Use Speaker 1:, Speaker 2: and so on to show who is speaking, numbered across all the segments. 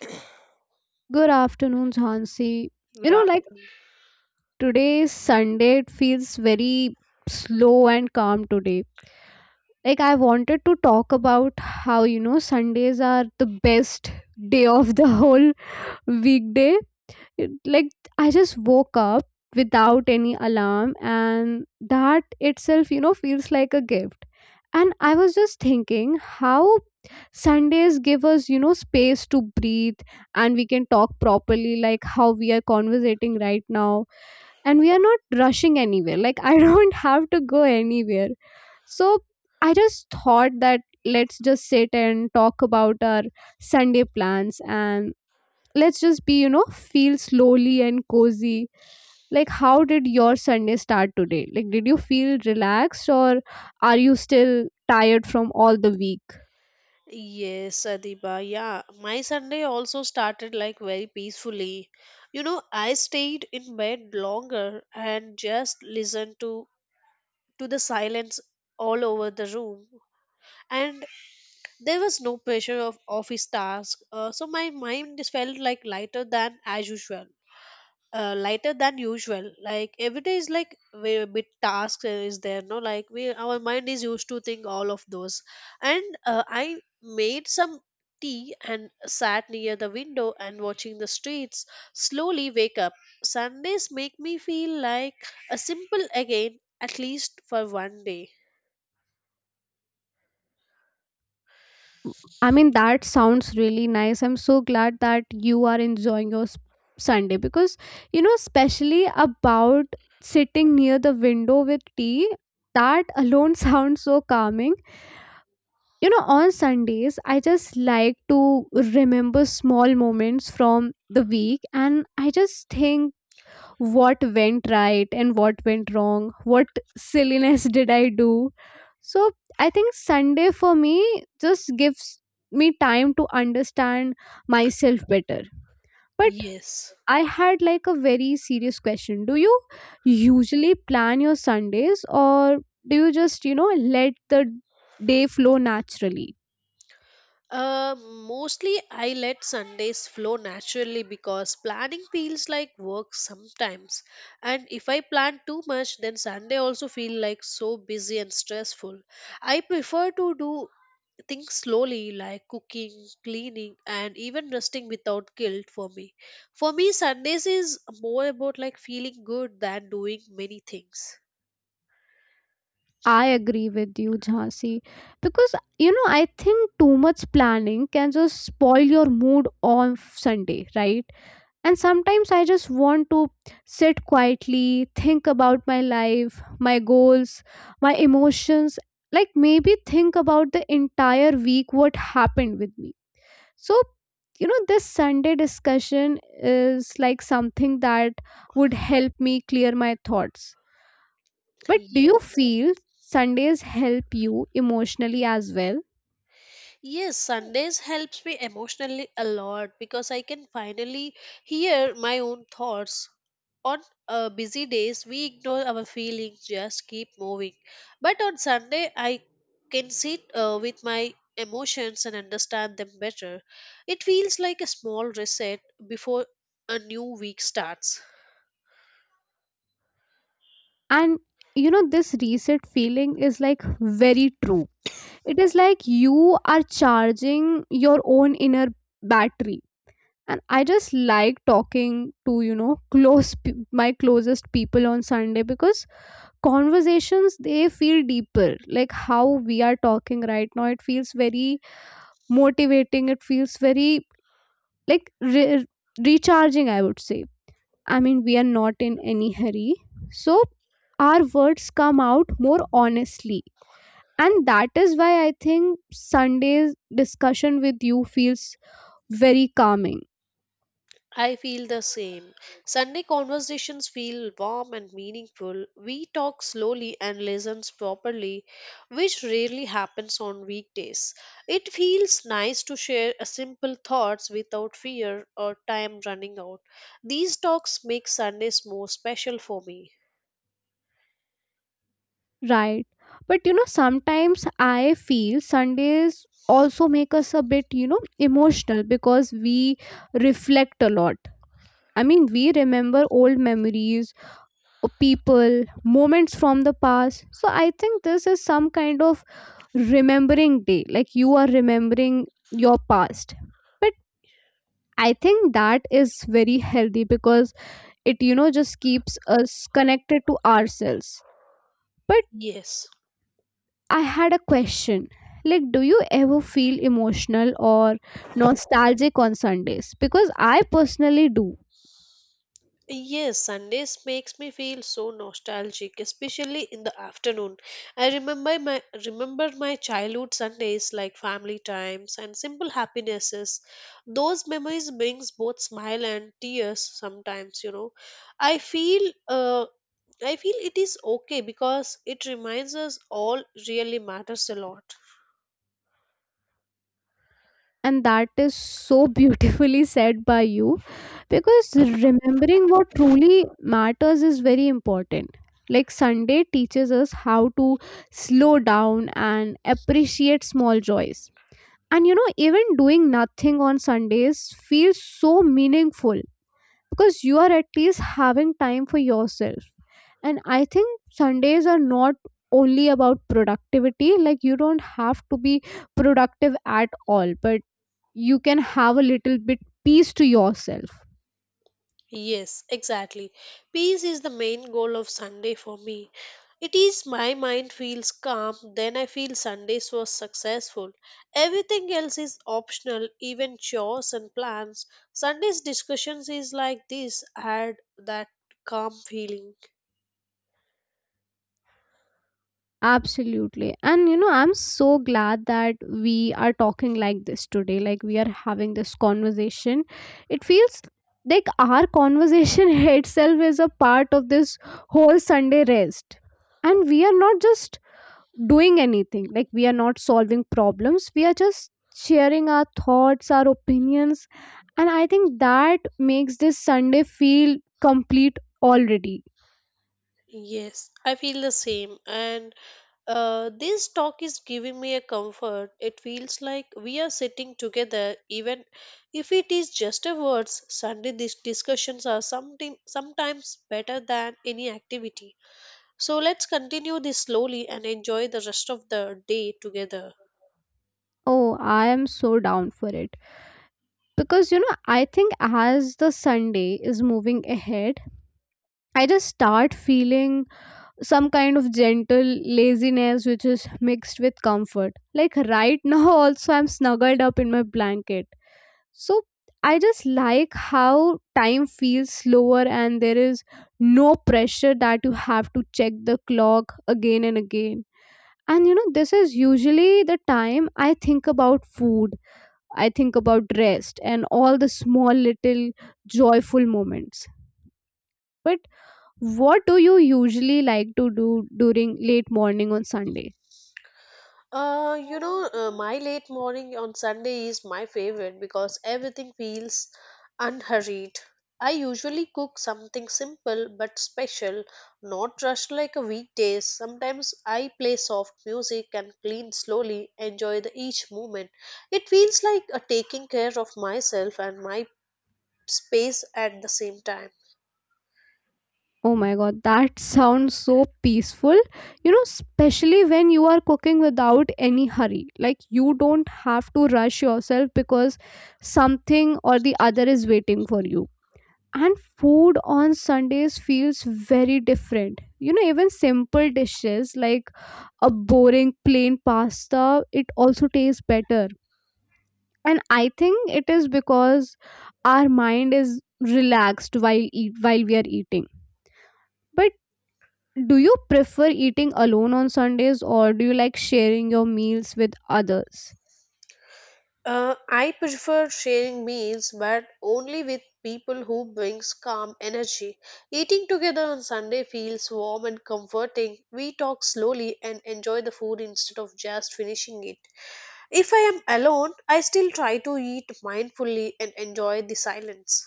Speaker 1: Good
Speaker 2: Good afternoon, Jhansi. You
Speaker 1: afternoon.
Speaker 2: know, like today's Sunday, it feels very slow and calm today. Like, I wanted to talk about how, Sundays are the best day of the whole weekday. Like, I just woke up without any alarm, and that itself, feels like a gift. And I was just thinking how Sundays give us, space to breathe, and we can talk properly, like how we are conversating right now. And we are not rushing anywhere. Like, I don't have to go anywhere. So, I just thought that let's just sit and talk about our Sunday plans, and let's just be, feel slowly and cozy. Like, how did your Sunday start today? Like, did you feel relaxed, or are you still tired from all the week?
Speaker 1: Yes, Adiba. Yeah, my Sunday also started like very peacefully. You know, I stayed in bed longer and just listened to the silence all over the room. And there was no pressure of office task, so my mind just felt like lighter than as usual. Lighter than usual, like every day is like we a bit task, is there no like we our mind is used to think all of those. And I made some tea and sat near the window and watching the streets slowly wake up. Sundays make me feel like a simple again, at least for one day.
Speaker 2: I mean, that sounds really nice. I'm so glad that you are enjoying your Sunday, because, especially about sitting near the window with tea, that alone sounds so calming. On Sundays, I just like to remember small moments from the week, and I just think what went right and what went wrong. What silliness did I do? So I think Sunday for me just gives me time to understand myself better. But
Speaker 1: Yes.
Speaker 2: I had, like, a very serious question. Do you usually plan your Sundays, or do you just, let the day flow naturally?
Speaker 1: Uh, Mostly I let Sundays flow naturally because planning feels like work sometimes. And if I plan too much, then Sunday also feel like so busy and stressful. I prefer to do things slowly like cooking, cleaning and even resting without guilt for me. For me Sundays is more about like feeling good than doing many things.
Speaker 2: I agree with you, Jhansi, because I think too much planning can just spoil your mood on Sunday, right? And sometimes I just want to sit quietly, think about my life, my goals, my emotions, like maybe think about the entire week, what happened with me. So, this Sunday discussion is like something that would help me clear my thoughts. But do you
Speaker 1: Yes.
Speaker 2: feel Sundays help you emotionally as well?
Speaker 1: Yes, Sundays helps me emotionally a lot because I can finally hear my own thoughts. On busy days, we ignore our feelings, just keep moving. But on Sunday, I can sit with my emotions and understand them better. It feels like a small reset before a new week starts.
Speaker 2: And this reset feeling is like very true. It is like you are charging your own inner battery. And I just like talking to, my closest people on Sunday, because conversations, they feel deeper. Like how we are talking right now, it feels very motivating. It feels very, like, recharging, I would say. I mean, we are not in any hurry. So our words come out more honestly. And that is why I think Sunday's discussion with you feels very calming,
Speaker 1: I feel the same. Sunday conversations feel warm and meaningful. We talk slowly and listen properly, which rarely happens on weekdays. It feels nice to share a simple thoughts without fear or time running out. These talks make Sundays more special for me.
Speaker 2: right? But sometimes I feel Sundays also make us a bit, emotional, because we reflect a lot. I mean, we remember old memories, people, moments from the past. So I think this is some kind of remembering day, like you are remembering your past. But I think that is very healthy, because it, just keeps us connected to ourselves. But
Speaker 1: Yes.
Speaker 2: I had a question, like, do you ever feel emotional or nostalgic on Sundays? Because I personally do.
Speaker 1: Yes, Sundays makes me feel so nostalgic, especially in the afternoon. I remember my Remember my childhood Sundays like family times and simple happinesses. Those memories brings both smile and tears sometimes, you know. I feel uh, I feel it is okay because it reminds us all really matters a lot.
Speaker 2: And that is so beautifully said by you, because remembering what truly matters is very important. Like, Sunday teaches us how to slow down and appreciate small joys. And even doing nothing on Sundays feels so meaningful, because you are at least having time for yourself. And I think Sundays are not only about productivity. Like, you don't have to be productive at all, but you can have a little bit peace to yourself.
Speaker 1: Yes, exactly. Peace is the main goal of Sunday for me. It is my mind feels calm, then I feel Sundays was successful. Everything else is optional, even chores and plans. Sundays discussions is like this add that calm feeling.
Speaker 2: Absolutely, and I'm so glad that we are talking like this today. Like, we are having this conversation. It feels like our conversation itself is a part of this whole Sunday rest. And we are not just doing anything, like we are not solving problems, we are just sharing our thoughts, our opinions. And I think that makes this Sunday feel complete already.
Speaker 1: Yes, I feel the same. And this talk is giving me a comfort. It feels like we are sitting together, even if it is just a words. Sunday these discussions are something sometimes better than any activity. So let's continue this slowly and enjoy the rest of the day together.
Speaker 2: Oh, I am so down for it. Because, I think as the Sunday is moving ahead, I just start feeling some kind of gentle laziness, which is mixed with comfort. Like right now, also, I'm snuggled up in my blanket. So, I just like how time feels slower, and there is no pressure that you have to check the clock again and again. And this is usually the time I think about food. I think about rest and all the small little joyful moments. But what do you usually like to do during late morning on Sunday?
Speaker 1: My late morning on Sunday is my favorite because everything feels unhurried. I usually cook something simple but special, not rushed like a weekdays. Sometimes I play soft music and clean slowly, enjoy the each moment. It feels like a taking care of myself and my space at the same time.
Speaker 2: Oh my god, that sounds so peaceful. Especially when you are cooking without any hurry. Like, you don't have to rush yourself, because something or the other is waiting for you. And food on Sundays feels very different. Even simple dishes, like a boring plain pasta, it also tastes better. And I think it is because our mind is relaxed while we are eating. But do you prefer eating alone on Sundays, or do you like sharing your meals with others?
Speaker 1: I prefer sharing meals, but only with people who brings calm energy. Eating together on Sunday feels warm and comforting. We talk slowly and enjoy the food instead of just finishing it. If I am alone, I still try to eat mindfully and enjoy the silence.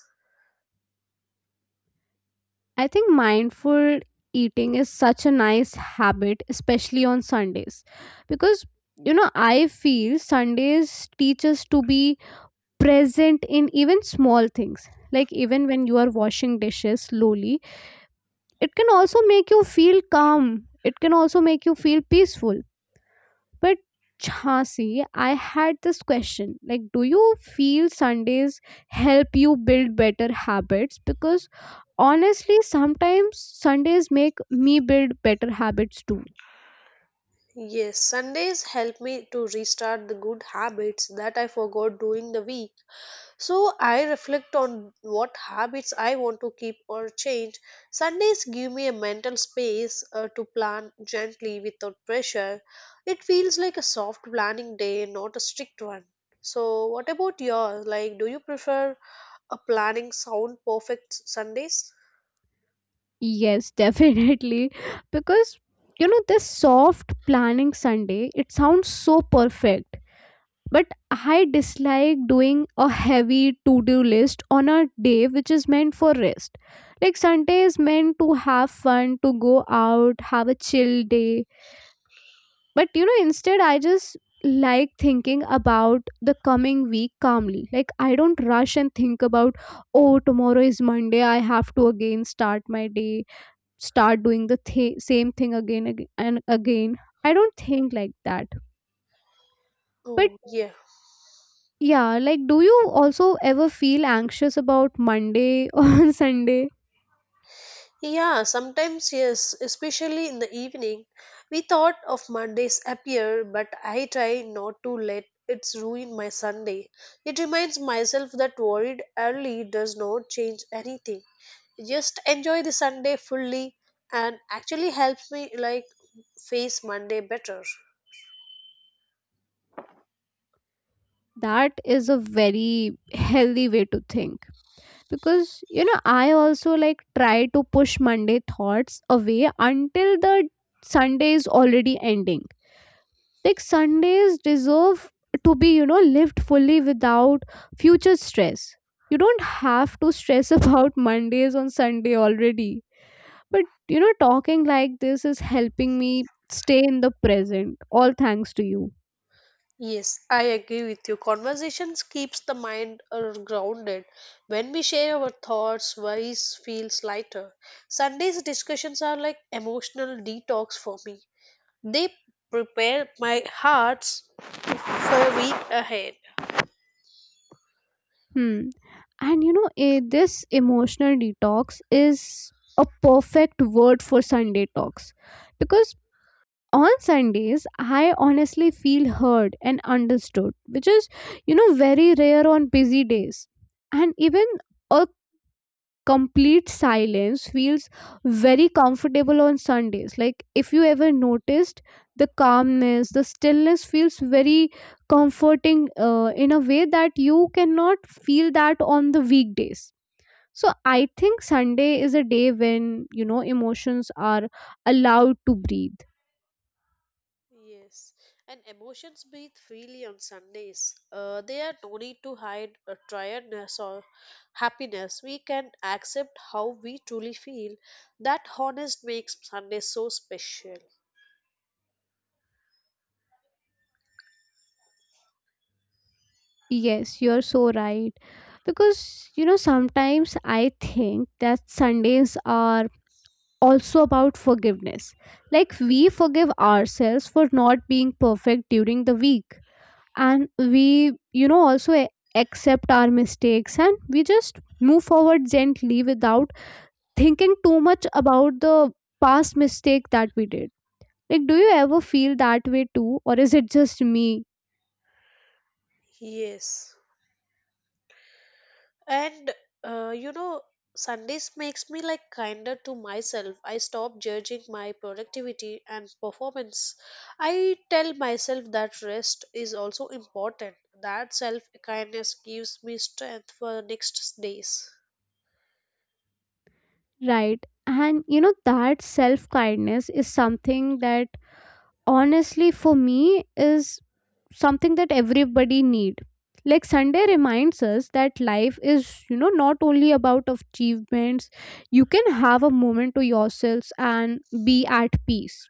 Speaker 2: I think mindful eating is such a nice habit, especially on Sundays. Because, I feel Sundays teach us to be present in even small things. Like, even when you are washing dishes slowly, it can also make you feel calm. It can also make you feel peaceful. But Jhansi, I had this question, like, do you feel Sundays help you build better habits? Because honestly, sometimes Sundays make me build better habits too.
Speaker 1: Yes, Sundays help me to restart the good habits that I forgot during the week. So I reflect on what habits I want to keep or change. Sundays give me a mental space to plan gently without pressure. It feels like a soft planning day, not a strict one. So what about yours? Like do you prefer a planning sound perfect Sundays?
Speaker 2: Yes, definitely. Because this soft planning Sunday, it sounds so perfect. But I dislike doing a heavy to do list on a day which is meant for rest. Like, Sunday is meant to have fun, to go out, have a chill day. But instead, I just like thinking about the coming week calmly. Like, I don't rush and think about, oh, tomorrow is Monday, I have to again start my day, start doing the same thing again and again. I don't think like that. But
Speaker 1: Oh, yeah.
Speaker 2: yeah, like, do you also ever feel anxious about Monday or Sunday?
Speaker 1: Yeah, sometimes yes, especially in the evening. We thought of Mondays appear, but I try not to let it ruin my Sunday. It reminds myself that worried early does not change anything. Just enjoy the Sunday fully and actually helps me like face Monday better.
Speaker 2: That is a very healthy way to think, because I also like try to push Monday thoughts away until the Sunday is already ending. Like Sundays deserve to be, lived fully without future stress. You don't have to stress about Mondays on Sunday already. But talking like this is helping me stay in the present, all thanks to you.
Speaker 1: Yes, I agree with you. Conversations keeps the mind grounded. When we share our thoughts, worries feels lighter. Sundays discussions are like emotional detox for me. They prepare my hearts for a week ahead.
Speaker 2: Hmm. And this emotional detox is a perfect word for Sunday talks, because on Sundays, I honestly feel heard and understood, which is, very rare on busy days. And even a complete silence feels very comfortable on Sundays. Like, if you ever noticed, the calmness, the stillness feels very comforting in a way that you cannot feel that on the weekdays. So, I think Sunday is a day when, emotions are allowed to breathe.
Speaker 1: Yes, and emotions breathe freely on Sundays. There are no need to hide a tiredness or happiness. We can accept how we truly feel. That honest makes Sunday so special.
Speaker 2: Yes, you're so right. Because, sometimes I think that Sundays are also about forgiveness. Like we forgive ourselves for not being perfect during the week. And we, also accept our mistakes, and we just move forward gently without thinking too much about the past mistake that we did. Like, do you ever feel that way too? Or is it just me?
Speaker 1: Yes. And you know, Sundays makes me like kinder to myself. I stop judging my productivity and performance. I tell myself that rest is also important. That self kindness gives me strength for the next days.
Speaker 2: Right. And, that self kindness is something that honestly for me is something that everybody need. Like, Sunday reminds us that life is, not only about achievements. You can have a moment to yourselves and be at peace.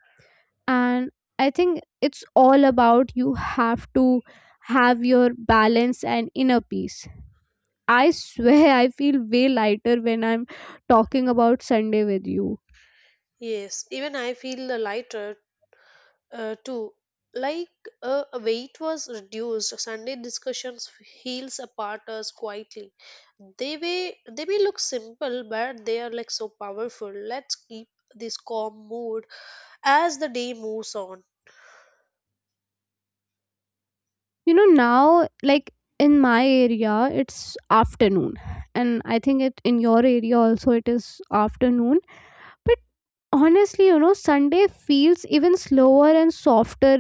Speaker 2: And I think it's all about you have to have your balance and inner peace. I swear I feel way lighter when I'm talking about Sunday with you.
Speaker 1: Yes, even I feel the lighter too. Like weight was reduced, Sunday discussions heals apart us quietly. They may look simple, but they are like so powerful. Let's keep this calm mood as the day moves on.
Speaker 2: Now, like in my area, it's afternoon, and I think it in your area also it is afternoon. Honestly, you know, Sunday feels even slower and softer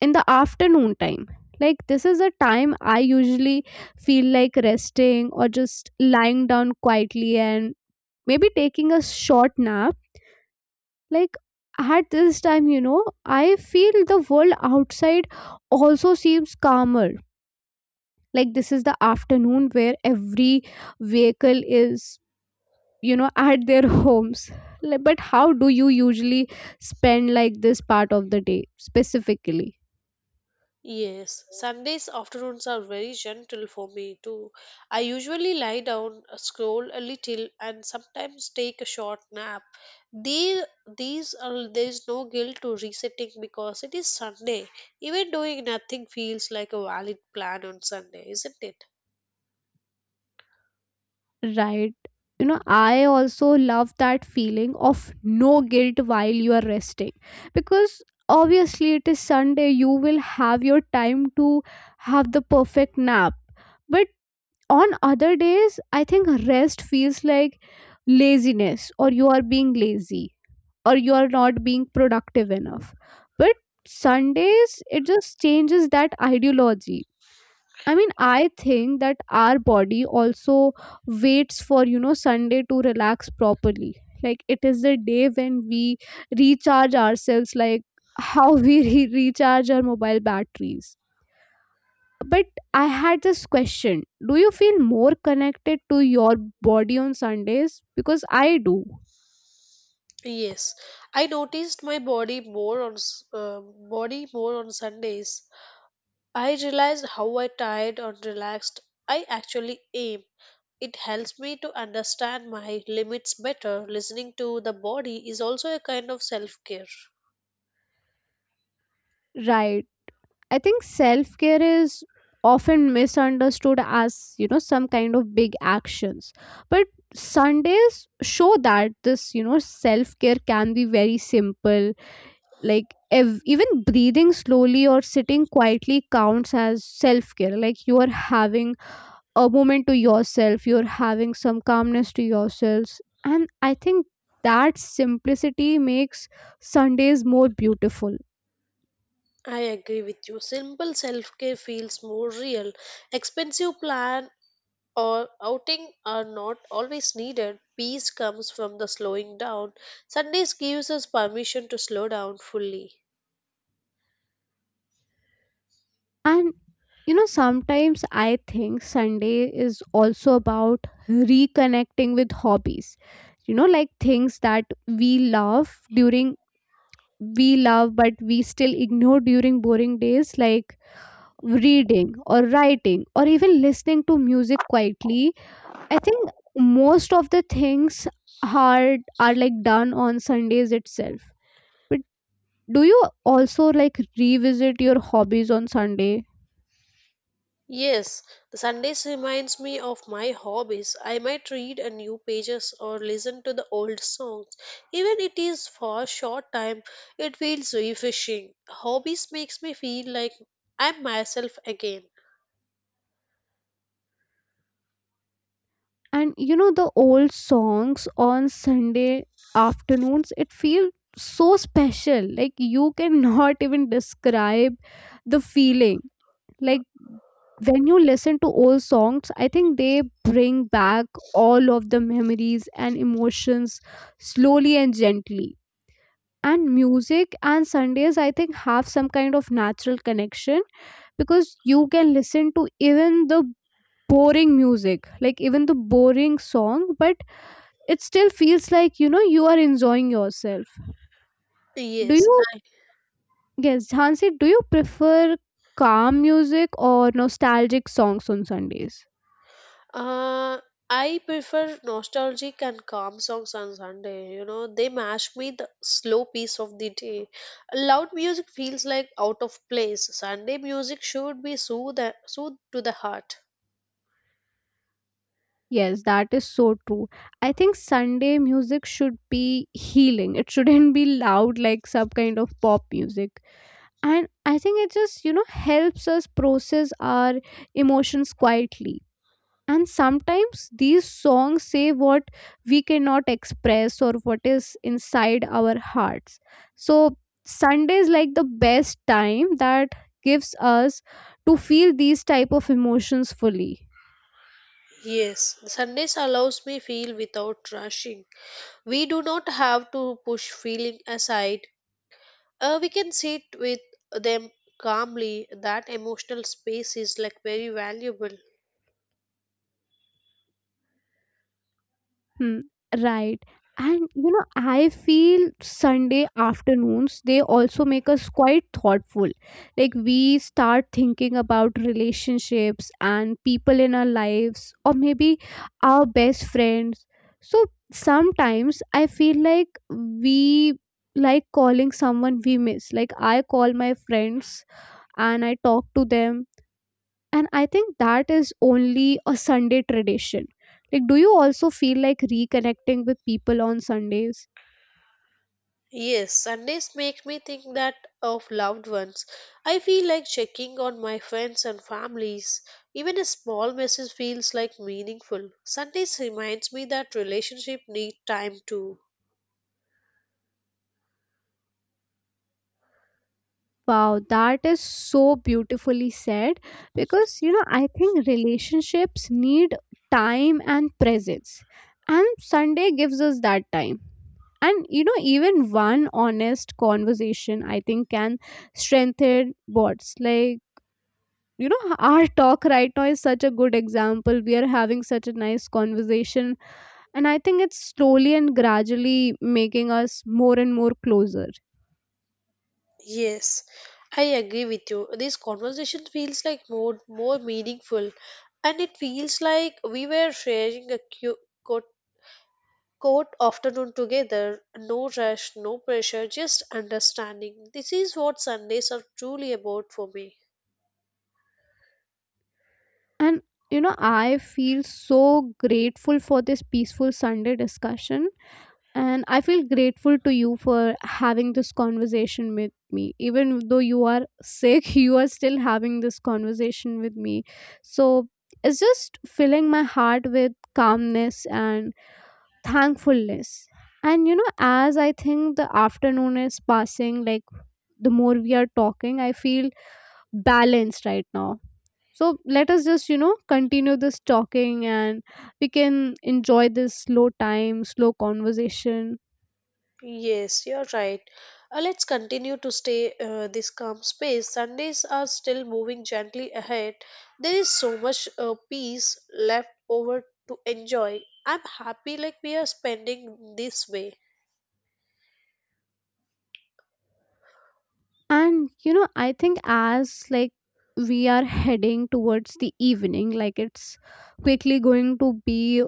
Speaker 2: in the afternoon time. Like, this is a time I usually feel like resting or just lying down quietly and maybe taking a short nap. Like, at this time, you know, I feel the world outside also seems calmer. Like, this is the afternoon where every vehicle is, you know, at their homes. Like, but how do you usually spend like this part of the day specifically?
Speaker 1: Yes, Sundays afternoons are very gentle for me too. I usually lie down, scroll a little, and sometimes take a short nap. These, these are there is no guilt to resetting because it is Sunday. Even doing nothing feels like a valid plan on Sunday, isn't it?
Speaker 2: Right, you know, I also love that feeling of no guilt while you are resting, because obviously it is Sunday, you will have your time to have the perfect nap. But on other days I think rest feels like laziness, or you are being lazy, or you're not being productive enough. But Sundays, it just changes that ideology. I mean, I think that our body also waits for, you know, Sunday to relax properly. Like, it is the day when we recharge ourselves, like how we recharge our mobile batteries. But I had this question: do you feel more connected to your body on Sundays? Because I do.
Speaker 1: Yes, I noticed my body more on s- body more on Sundays. I realized how I tired or relaxed I actually am. It helps me to understand my limits better. Listening to the body is also a kind of self care.
Speaker 2: Right. I think self care is often misunderstood as, you know, some kind of big actions. But Sundays show that this, you know, self care can be very simple. Like, even breathing slowly or sitting quietly counts as self care. Like, you are having a moment to yourself, you're having some calmness to yourselves. And I think that simplicity makes Sundays more beautiful.
Speaker 1: I agree with you. Simple self care feels more real. Expensive plan or outing are not always needed. Peace comes from the slowing down. Sundays gives us permission to slow down fully.
Speaker 2: And you know, sometimes I think Sunday is also about reconnecting with hobbies. You know, like things that we love but we still ignore during boring days, like reading or writing or even listening to music quietly. I think most of the things are like done on Sundays itself. But do you also like revisit your hobbies on Sunday?
Speaker 1: Yes, the Sundays reminds me of my hobbies. I might read a new pages or listen to the old songs. Even it is for a short time, it feels refreshing. Hobbies makes me feel like I'm myself again.
Speaker 2: And you know, the old songs on Sunday afternoons, it feels so special. Like, you cannot even describe the feeling. Like, when you listen to old songs, I think they bring back all of the memories and emotions slowly and gently. And music and Sundays, I think, have some kind of natural connection, because you can listen to even the boring music, like even the boring song, but it still feels like, you know, you are enjoying yourself. Do
Speaker 1: Yes.
Speaker 2: you Yes, Hansi, do you prefer calm music or nostalgic songs on Sundays?
Speaker 1: Uh I prefer nostalgic and calm songs on Sunday. You know, they match me the slow pace of the day. Loud music feels like out of place. Sunday music should be soothe to the heart.
Speaker 2: Yes, that is so true. I think Sunday music should be healing, it shouldn't be loud like some kind of pop music. And I think it just, you know, helps us process our emotions quietly. And sometimes these songs say what we cannot express, or what is inside our hearts. So Sunday is like the best time that gives us to feel these type of emotions fully.
Speaker 1: Yes, Sundays allows me feel without rushing. We do not have to push feeling aside. We can sit with them calmly. That emotional space is like very valuable.
Speaker 2: Hmm, right. And you know, I feel Sunday afternoons, they also make us quite thoughtful. Like we start thinking about relationships and people in our lives, or maybe our best friends. So sometimes I feel like we like calling someone we miss. Like I call my friends and I talk to them, and I think that is only a Sunday tradition. Like, do you also feel like reconnecting with people on Sundays?
Speaker 1: Yes, Sundays make me think that of loved ones. I feel like checking on my friends and families. Even a small message feels like meaningful. Sundays reminds me that relationship need time too.
Speaker 2: Wow, that is so beautifully said, because you know, I think relationships need time and presence, and Sunday gives us that time. And you know, even one honest conversation, I think, can strengthen bonds. Like, you know, our talk right now is such a good example. We are having such a nice conversation, and I think it's slowly and gradually making us more and more closer.
Speaker 1: Yes, I agree with you. This conversation feels like more meaningful, and it feels like we were sharing a court, court afternoon together. No rush, no pressure, just understanding. This is what Sundays are truly about for me.
Speaker 2: And you know, I feel so grateful for this peaceful Sunday discussion, and I feel grateful to you for having this conversation with me. Even though you are sick, you are still having this conversation with me. So it's just filling my heart with calmness and thankfulness. And you know, as I think the afternoon is passing, like the more we are talking, I feel balanced right now. So let us just, you know, continue this talking, and we can enjoy this slow time, slow conversation.
Speaker 1: Yes, you're right. Let's continue to stay this calm space. Sundays are still moving gently ahead. There is so much peace left over to enjoy. I'm happy like we are spending this way.
Speaker 2: And, you know, I think as like we are heading towards the evening, like it's quickly going to be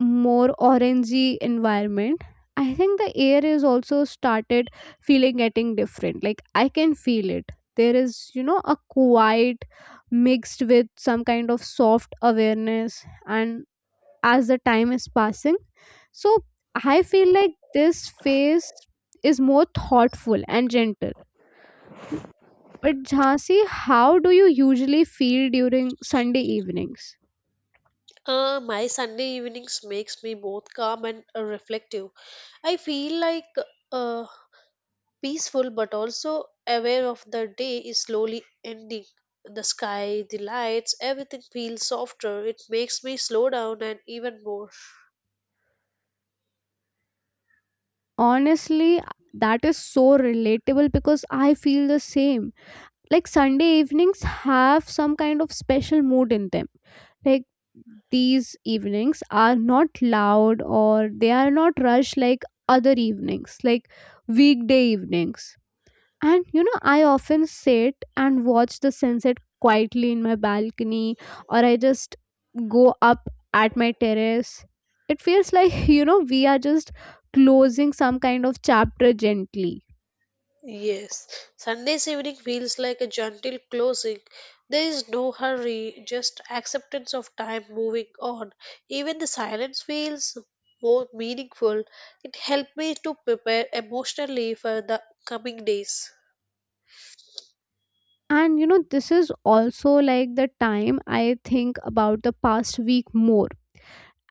Speaker 2: more orangey environment. I think the air is also started feeling getting different, like I can feel it. There is, you know, a quiet mixed with some kind of soft awareness, and as the time is passing, so I feel like this phase is more thoughtful and gentle. But Jhansi, how do you usually feel during Sunday evenings?
Speaker 1: My Sunday evenings makes me both calm and reflective. I feel like uh, peaceful but also aware of the day is slowly ending. The sky, the lights, everything feels softer. It makes me slow down and even more.
Speaker 2: Honestly, that is so relatable because I feel the same. Like Sunday evenings have some kind of special mood in them. Like these evenings are not loud, or they are not rushed like other evenings, like weekday evenings. And you know, I often sit and watch the sunset quietly in my balcony, or I just go up at my terrace. It feels like, you know, we are just closing some kind of chapter gently.
Speaker 1: Yes, Sunday's evening feels like a gentle closing. There is no hurry, just acceptance of time moving on. Even the silence feels more meaningful. It helped me to prepare emotionally for the coming days.
Speaker 2: And you know, this is also like the time I think about the past week more.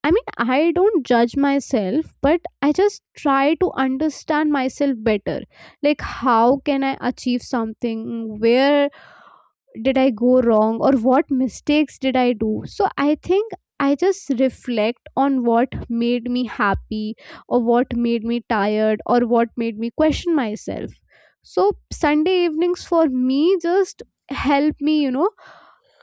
Speaker 2: I mean, I don't judge myself, but I just try to understand myself better. Like, how can I achieve something? Where did I go wrong, or what mistakes did I do? So I think I just reflect on what made me happy, or what made me tired, or what made me question myself. So Sunday evenings for me just help me, you know,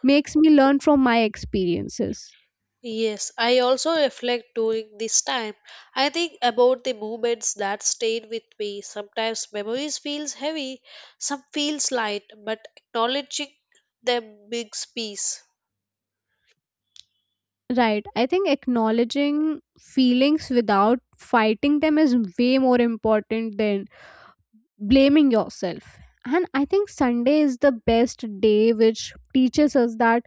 Speaker 2: makes me learn from my experiences.
Speaker 1: Yes, I also reflect during this time. I think about the moments that stayed with me. Sometimes memories feels heavy, some feels light, but acknowledging them brings peace.
Speaker 2: Right. I think acknowledging feelings without fighting them is way more important than blaming yourself. And I think Sunday is the best day, which teaches us that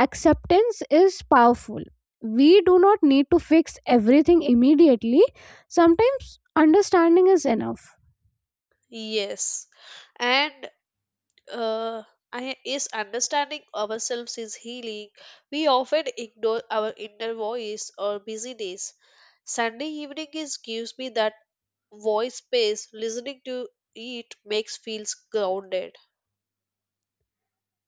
Speaker 2: acceptance is powerful. We do not need to fix everything immediately. Sometimes understanding is enough.
Speaker 1: Yes, and uh, I is understanding ourselves is healing. We often ignore our inner voice or busyness. Sunday evening is gives me that voice space. Listening to it makes feels grounded.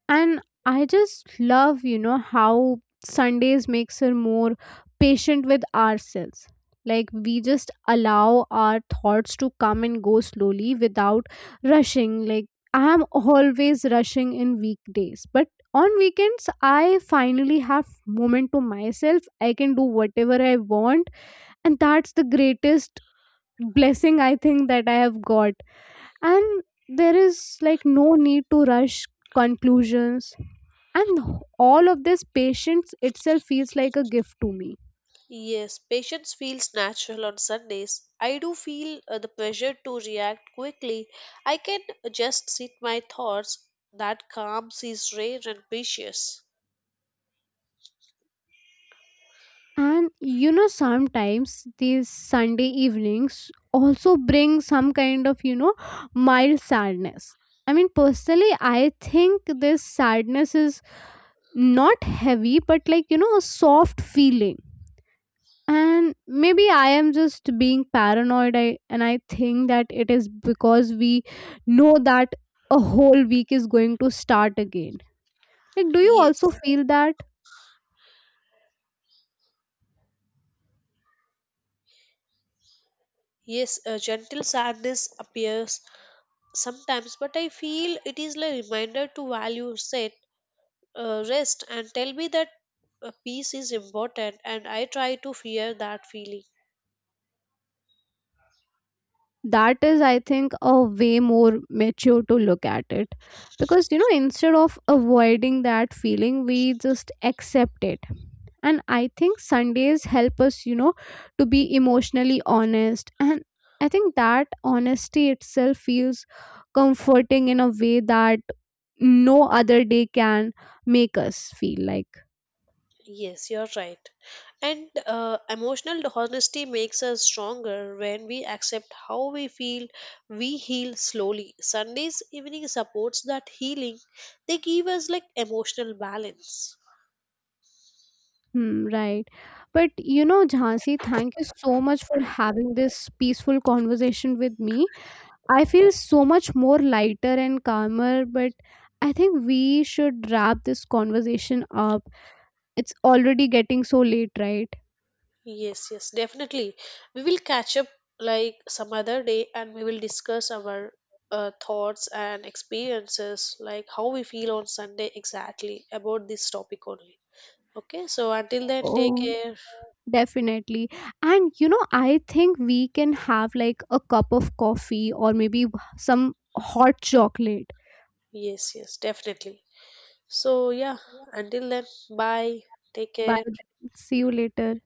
Speaker 2: And I just love, you know, how Sundays makes her more patient with ourselves. Like we just allow our thoughts to come and go slowly without rushing. Like I am always rushing in weekdays, but on weekends I finally have moment to myself, I can do whatever I want. And that's the greatest blessing, I think, that I have got. And there is, like, no need to rush conclusions, and all of this patience itself feels like a gift to me.
Speaker 1: Yes, patience feels natural on Sundays. I do feel the pressure to react quickly. I can just sit my thoughts. That calm is rare and precious.
Speaker 2: And you know, sometimes these Sunday evenings also bring some kind of, you know, mild sadness. I mean, personally, I think this sadness is not heavy, but like, you know, a soft feeling. And maybe I am just being paranoid, and I think that it is because we know that a whole week is going to start again. Like, do you also
Speaker 1: Yes.
Speaker 2: feel that?
Speaker 1: Yes, a gentle sadness appears sometimes, but I feel it is like a reminder to value set, rest and tell me that peace is important, and I try to fear that feeling.
Speaker 2: That is, I think, a way more mature to look at it, because you know, instead of avoiding that feeling, we just accept it. And I think Sundays help us, you know, to be emotionally honest. And I think that honesty itself feels comforting in a way that no other day can make us feel like.
Speaker 1: Yes, you're right. And emotional honesty makes us stronger when we accept how we feel. We heal slowly. Sundays evening supports that healing. They give us like emotional balance.
Speaker 2: Hmm, right. But you know, Jhansi, thank you so much for having this peaceful conversation with me. I feel so much more lighter and calmer, but I think we should wrap this conversation up. It's already getting so late, right?
Speaker 1: Yes, yes, definitely. We will catch up like some other day and we will discuss our thoughts and experiences, like how we feel on Sunday exactly about this topic only. Okay, so until then, take
Speaker 2: Oh,
Speaker 1: care.
Speaker 2: definitely. And you know, I think we can have like a cup of coffee or maybe some hot chocolate.
Speaker 1: Yes, yes, definitely. So, yeah, until then, bye. Take
Speaker 2: Bye
Speaker 1: care.
Speaker 2: then. See you later.